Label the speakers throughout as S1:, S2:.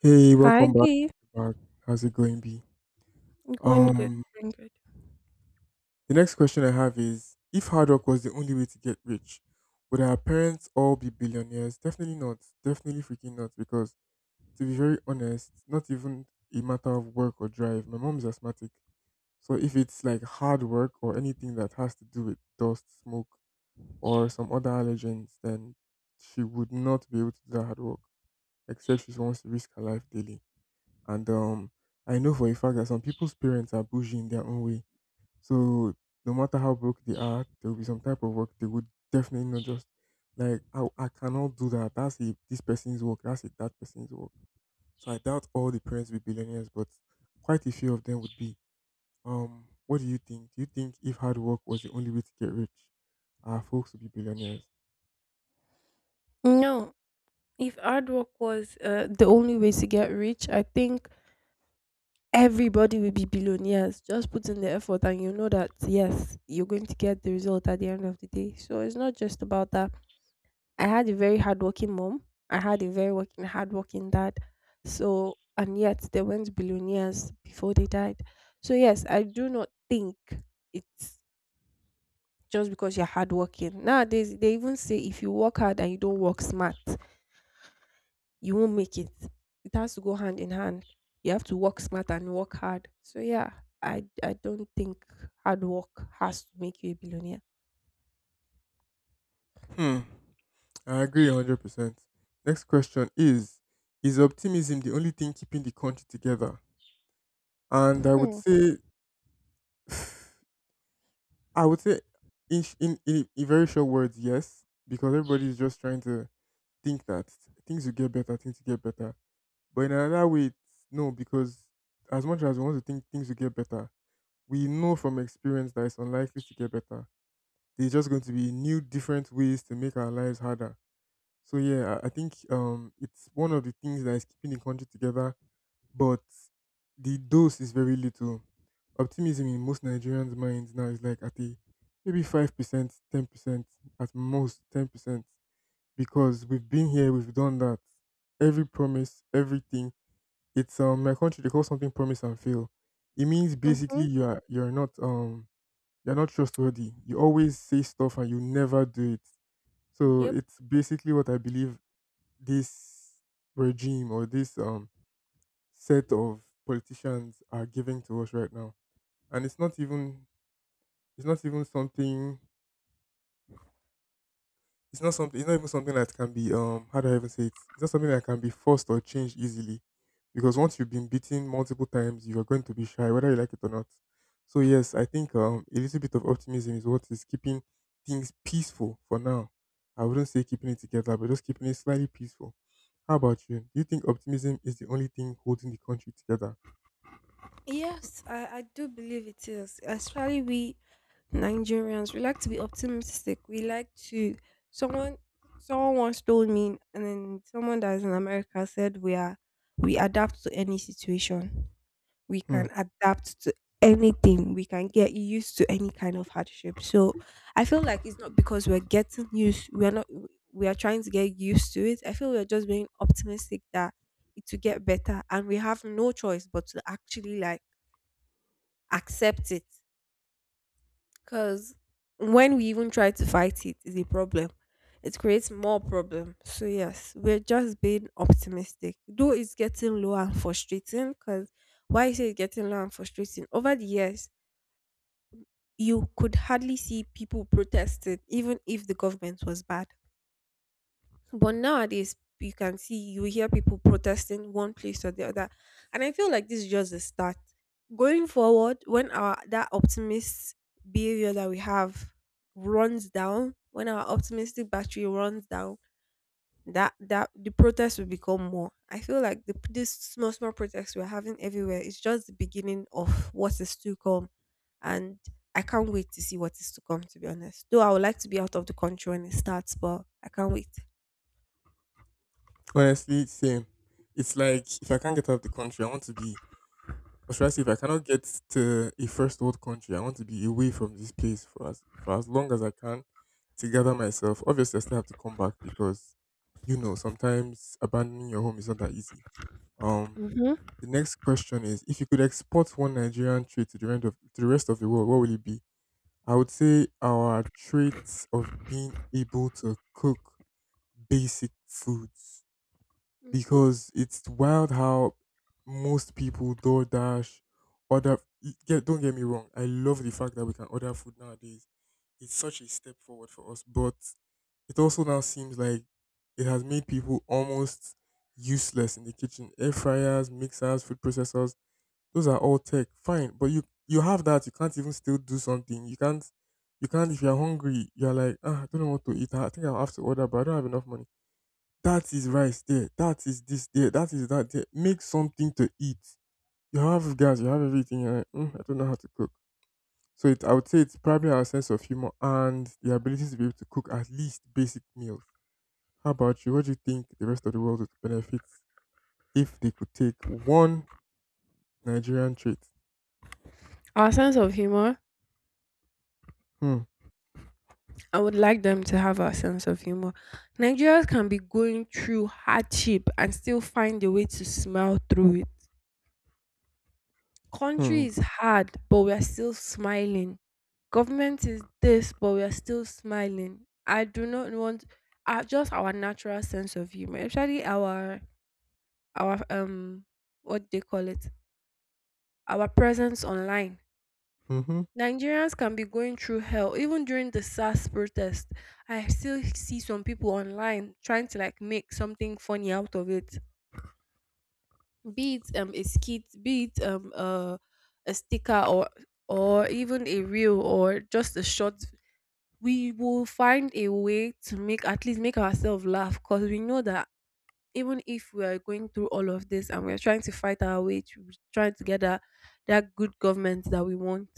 S1: Hey,
S2: Hi,
S1: welcome back.
S2: Dee.
S1: Back. How's it going, B?
S2: Going good,
S1: Um,
S2: going good.
S1: the next question I have is: if hard work was the only way to get rich, would our parents all be billionaires? Definitely not. Definitely freaking not. Because to be very honest, not even a matter of work or drive. My mom is asthmatic, so if it's like hard work or anything that has to do with dust, smoke, or some other allergens, then she would not be able to do that hard work, except she wants to risk her life daily. And I know for a fact that some people's parents are bougie in their own way. So no matter how broke they are, there will be some type of work they would definitely not just like I cannot do that. That's a, this person's work. That's a, that person's work. So I doubt all the parents will be billionaires, but quite a few of them would be. What do you think? Do you think if hard work was the only way to get rich, our folks would be billionaires?
S2: No, if hard work was the only way to get rich, I think everybody will be billionaires. Just put in the effort, and you know that yes, you're going to get the result at the end of the day. So it's not just about that. I had a very hardworking mom. I had a very hardworking dad. So and yet they went billionaires before they died. So yes, I do not think it's just because you're hardworking. Nowadays, they even say if you work hard and you don't work smart, you won't make it. It has to go hand in hand. You have to work smart and work hard. So yeah, I don't think hard work has to make you a billionaire.
S1: Hmm. I agree 100%. Next question is: is optimism the only thing keeping the country together? And
S2: Hmm.
S1: I would say, in sh- in very short words, yes, because everybody is just trying to think that things will get better, things will get better. But in another way, it's no, because as much as we want to think things will get better, we know from experience that it's unlikely to get better. There's just going to be new, different ways to make our lives harder. So yeah, I think it's one of the things that is keeping the country together, but the dose is very little. Optimism in most Nigerians' minds now is like at a maybe 5%, 10%, at most 10%, because we've been here, we've done that. Every promise, everything. It's My country, they call something promise and fail. It means basically
S2: Mm-hmm.
S1: you're not you're not trustworthy. You always say stuff and you never do it. So
S2: Yep.
S1: it's basically what I believe this regime or this set of politicians are giving to us right now. And it's not even something it's not even something that can be, how do I even say it? It's not something that can be forced or changed easily. Because once you've been beaten multiple times, you are going to be shy, whether you like it or not. So yes, I think a little bit of optimism is what is keeping things peaceful for now. I wouldn't say keeping it together, but just keeping it slightly peaceful. How about you? Do you think optimism is the only thing holding the country together?
S2: Yes, I do believe it is. Especially we Nigerians, we like to be optimistic. We like to someone someone once told me and then someone that is in America said we adapt to any situation. We
S1: Hmm.
S2: can adapt to anything. We can get used to any kind of hardship. So I feel like it's not because we're getting used we are not we are trying to get used to it. I feel we're just being optimistic that it will get better and we have no choice but to actually like accept it because when we even try to fight it, is a problem. It creates more problem. So yes, we're just being optimistic. Though it's getting low and frustrating, because why is it getting low and frustrating? Over the years, you could hardly see people protesting, even if the government was bad. But nowadays, you can see, you hear people protesting one place or the other. And I feel like this is just the start. Going forward, when our that optimist behavior that we have runs down, when our optimistic battery runs down, that the protests will become more. I feel like the this small small protests we're having everywhere is just the beginning of what is to come. And I can't wait to see what is to come, to be honest. Though I would like to be out of the country when it starts, but I can't wait.
S1: Honestly, same. It's like if I can't get out of the country, I want to be. Or should I say, if I cannot get to a first world country, I want to be away from this place for as long as I can to gather myself. Obviously, I still have to come back because you know sometimes abandoning your home is not that easy. Um,
S2: Mhm.
S1: the next question is: if you could export one Nigerian trait to the end of to the rest of the world, what will it be? I would say our traits of being able to cook basic foods,
S2: Mhm.
S1: because it's wild how most people DoorDash order. Y- Get don't get me wrong, I love the fact that we can order food nowadays. It's such a step forward for us, but it also now seems like it has made people almost useless in the kitchen. Air fryers, mixers, food processors, those are all tech. Fine, but you have that. You can't even still do something. You can't. You can't. If you're hungry, you're like, "Ah, I don't know what to eat. I think I'll have to order, but I don't have enough money." That is rice there. That is this there. That is that there. Make something to eat. You have gas. You have everything. You're like, "Mm, I don't know how to cook." So I would say it's probably our sense of humor and the ability to be able to cook at least basic meals. How about you? What do you think the rest of the world would benefit if they could take one Nigerian trait?
S2: Our sense of humor,
S1: Hmm.
S2: I would like them to have our sense of humor. Nigerians can be going through hardship and still find a way to smile through it.
S1: Hmm.
S2: Country is hard, but we are still smiling. Government is this, but we are still smiling. I do not want just our natural sense of humor, especially our what they call it, our presence online.
S1: Mm-hmm.
S2: Nigerians can be going through hell. Even during the SARS protest, I still see some people online trying to like make something funny out of it. Be it a skit, be it a sticker or even a reel or just a short. We will find a way to make at least make ourselves laugh because we know that even if we are going through all of this and we are trying to fight our way to trying to get that good government that we want,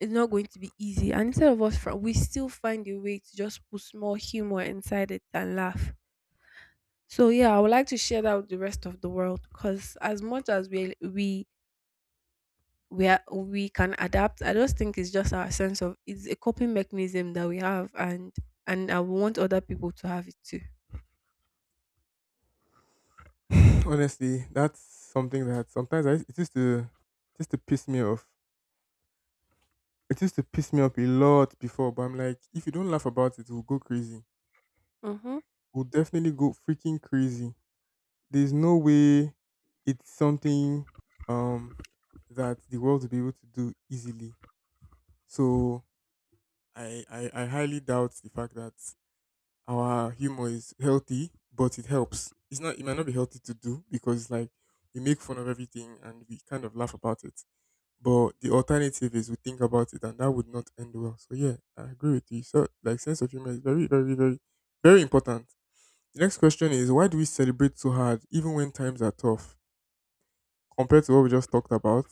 S2: it's not going to be easy. And instead of us, we still find a way to just put small humor inside it and laugh. So yeah, I would like to share that with the rest of the world because as much as we can adapt, I just think it's just our sense of it's a coping mechanism that we have, and I want other people to have it too.
S1: Honestly, that's something that sometimes it used to piss me off. It used to piss me off a lot before, but I'm like, if you don't laugh about it, we'll go crazy,
S2: Mm-hmm.
S1: would definitely go freaking crazy. There's no way. It's something, um that the world will be able to do easily. So I highly doubt the fact that our humor is healthy, but it helps. It might not be healthy to do because like we make fun of everything and we kind of laugh about it. But the alternative is we think about it and that would not end well. So yeah, I agree with you. So like sense of humor is very, very, very, very important. The next question is: why do we celebrate so hard even when times are tough? Compared to what we just talked about,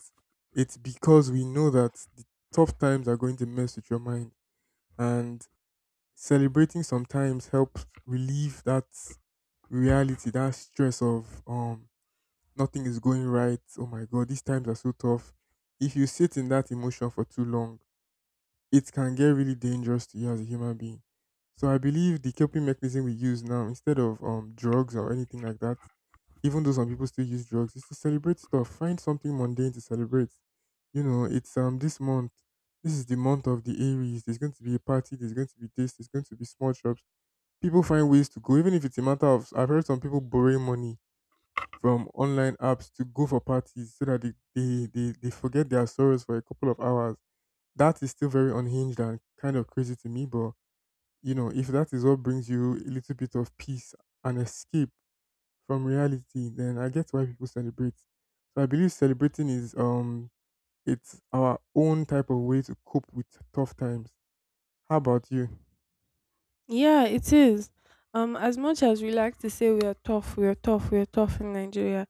S1: it's because we know that the tough times are going to mess with your mind. And celebrating sometimes helps relieve that reality, that stress of, nothing is going right. Oh my god, these times are so tough. If you sit in that emotion for too long, it can get really dangerous to you as a human being. So I believe the coping mechanism we use now, instead of drugs or anything like that, even though some people still use drugs, it's to celebrate stuff. Find something mundane to celebrate. You know, it's, this month. This is the month of the Aries. There's going to be a party. There's going to be this. There's going to be small shops. People find ways to go, even if it's a matter of. I've heard some people borrowing money from online apps to go for parties so that they forget their sorrows for a couple of hours. That is still very unhinged and kind of crazy to me, but you know, if that is what brings you a little bit of peace and escape from reality, then I get why people celebrate. So I believe celebrating is, it's our own type of way to cope with tough times. How about you?
S2: Yeah, it is. As much as we like to say we are tough in Nigeria,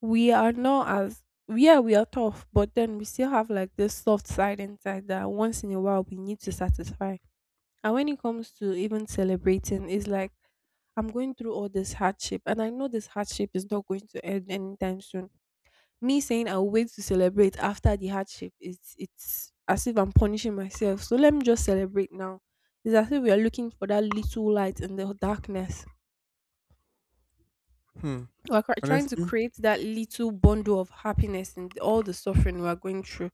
S2: we are not as yeah, we are tough, but then we still have like this soft side inside that once in a while we need to satisfy. And when it comes to even celebrating, it's like I'm going through all this hardship, and I know this hardship is not going to end anytime soon. Me saying I'll wait to celebrate after the hardship, it's as if I'm punishing myself. So let me just celebrate now. It's as if we are looking for that little light in the darkness.
S1: Hmm.
S2: Trying to
S1: Honestly,
S2: create that little bundle of happiness in all the suffering we're going through,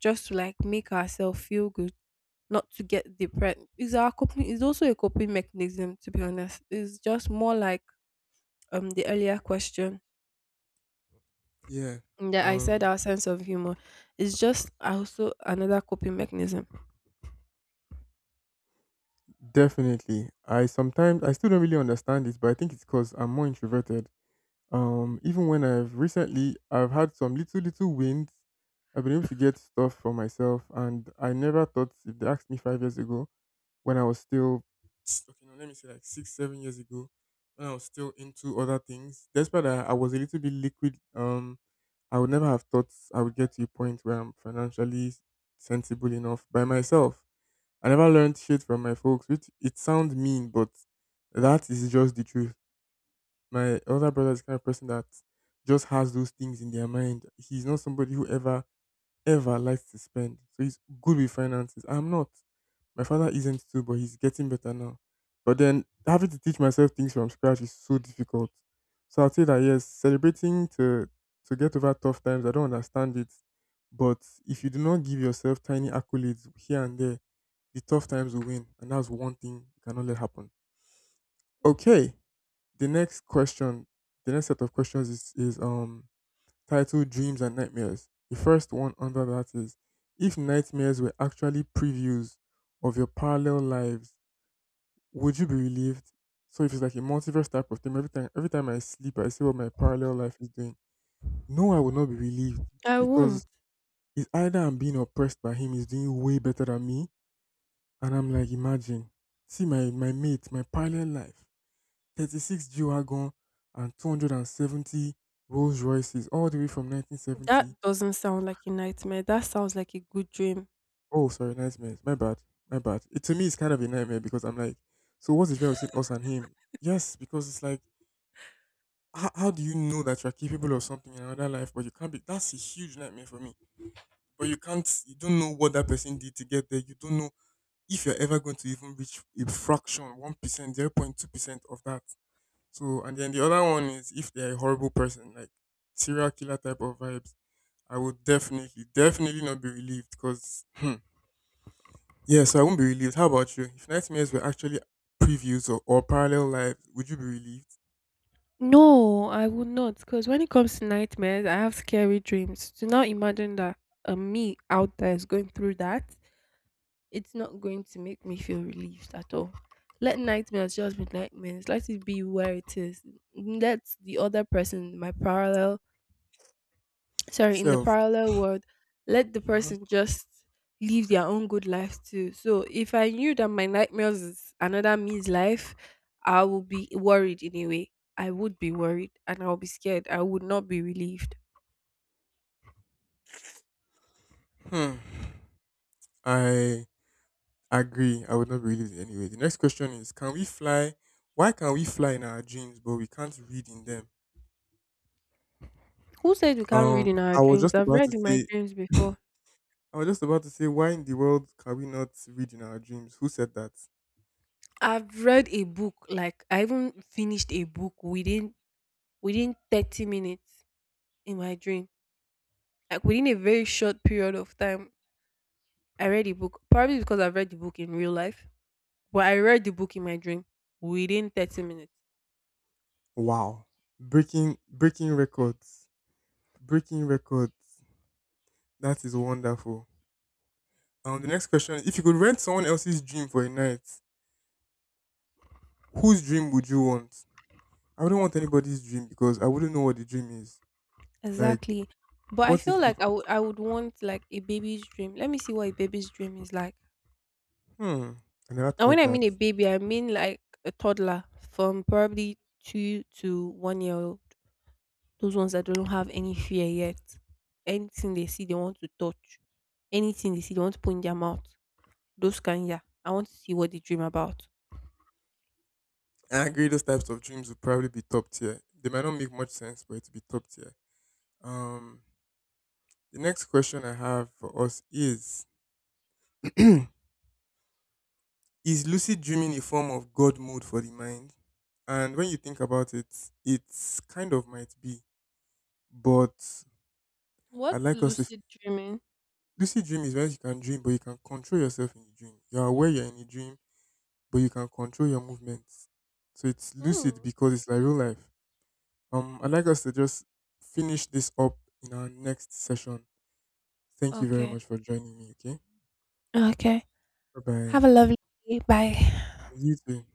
S2: just to like make ourselves feel good, not to get depressed. Is our coping? Is also a coping mechanism. To be honest, it's just more like the earlier question
S1: yeah.
S2: that I said.
S1: Um
S2: Our sense of humor is just also another coping mechanism.
S1: Definitely. I sometimes I still don't really understand it, but I think it's because I'm more introverted. Even when I've recently I've had some little little wins. I've been able to get stuff for myself and I never thought, if they asked me 5 years ago, when I was still okay, no, let me say like 6, 7 years ago, when I was still into other things. Despite that, I was a little bit liquid. I would never have thought I would get to a point where I'm financially sensible enough by myself. I never learned shit from my folks, which it sounds mean, but that is just the truth. My older brother is the kind of person that just has those things in their mind. He's not somebody who ever, ever likes to spend. So he's good with finances. I'm not. My father isn't too, but he's getting better now. But then having to teach myself things from scratch is so difficult. So I'll say that yes, celebrating to get over tough times, I don't understand it. But if you do not give yourself tiny accolades here and there, the tough times will win. And that's one thing you cannot let happen. Okay. The next question, the next set of questions is, is titled Dreams and Nightmares. The first one under that is: if nightmares were actually previews of your parallel lives, would you be relieved? So if it's like a multiverse type of thing, every time I sleep, I see what my parallel life is doing. No, I will not be relieved
S2: I won't.
S1: because it's either I'm being oppressed by him, he's doing way better than me, and I'm like, imagine, see my mate, my parallel life, 36 G wagon and 270 Rolls Royces all the way from 1970.
S2: That doesn't sound like a nightmare. That sounds like a good dream.
S1: Oh, sorry, nightmares. My bad, my bad. It, to me, it's kind of a nightmare because I'm like, so what's the difference between us and him? Yes, because it's like how do you know that you're capable of something in another life, but you can't be? That's a huge nightmare for me. But you can't, you don't know what that person did to get there. You don't know if you're ever going to even reach a fraction, 1%, 0.2% of that. So, and then the other one is if they're a horrible person, like serial killer type of vibes, I would definitely, definitely not be relieved because, hmm, yeah, so I won't be relieved. How about you? If nightmares were actually previews or parallel lives, would you be relieved?
S2: No, I would not. Because when it comes to nightmares, I have scary dreams. To now imagine that a me out there is going through that, it's not going to make me feel relieved at all. Let nightmares just be nightmares. Let it be where it is. Let the other person, my parallel, sorry, in the
S1: Self.
S2: parallel world, let the
S1: Hmm.
S2: person just live their own good life too. So if I knew that my nightmares is another me's life, I would be worried in a way. I would be worried and I'll be scared. I would not be relieved.
S1: Hmm. I I agree. I would not believe it anyway. The next question is: can we fly? Why can we fly in our dreams, but we can't read in them?
S2: Who said we can't
S1: Um,
S2: read in our
S1: I was
S2: dreams?
S1: just
S2: I've
S1: about to
S2: read in my
S1: say.
S2: dreams before.
S1: I was just about to say, why in the world can we not read in our dreams? Who said that?
S2: I've read a book, like I even finished a book within 30 minutes in my dream, like within a very short period of time. I read a book, probably because I've read the book in real life. But I read the book in my dream within 30 minutes.
S1: Wow, breaking records, breaking records. That is wonderful. The next question: if you could rent someone else's dream for a night, whose dream would you want? I wouldn't want anybody's dream because I wouldn't know what the dream is. Like,
S2: Exactly. But I
S1: what if.
S2: feel like I would want like a baby's dream. Let me see what a baby's dream is like.
S1: Hmm. And I never
S2: And
S1: thought
S2: when
S1: of
S2: I
S1: that.
S2: mean a baby, I mean like a toddler from probably 2 to 1 year old. Those ones that don't have any fear yet. Anything they see they want to touch. Anything they see they want to put in their mouth. Those kind, yeah. I want to see what they dream about.
S1: I agree. Those types of dreams would probably be top tier. They might not make much sense, but it would be top tier. Um, the next question I have for us is: is lucid dreaming a form of God mode for the mind? And when you think about it, it's kind of might be. But I'd
S2: What's
S1: like us, if
S2: lucid dreaming?
S1: lucid dream is when you can dream, but you can control yourself in the dream. You're aware you're in a dream, but you can control your movements. So it's lucid
S2: Hmm.
S1: because it's like real life. I'd like us to just finish this up in our next session. Thank you very
S2: Okay.
S1: much for joining me. Okay.
S2: Okay.
S1: Bye bye.
S2: Have a lovely day. Bye.
S1: You too.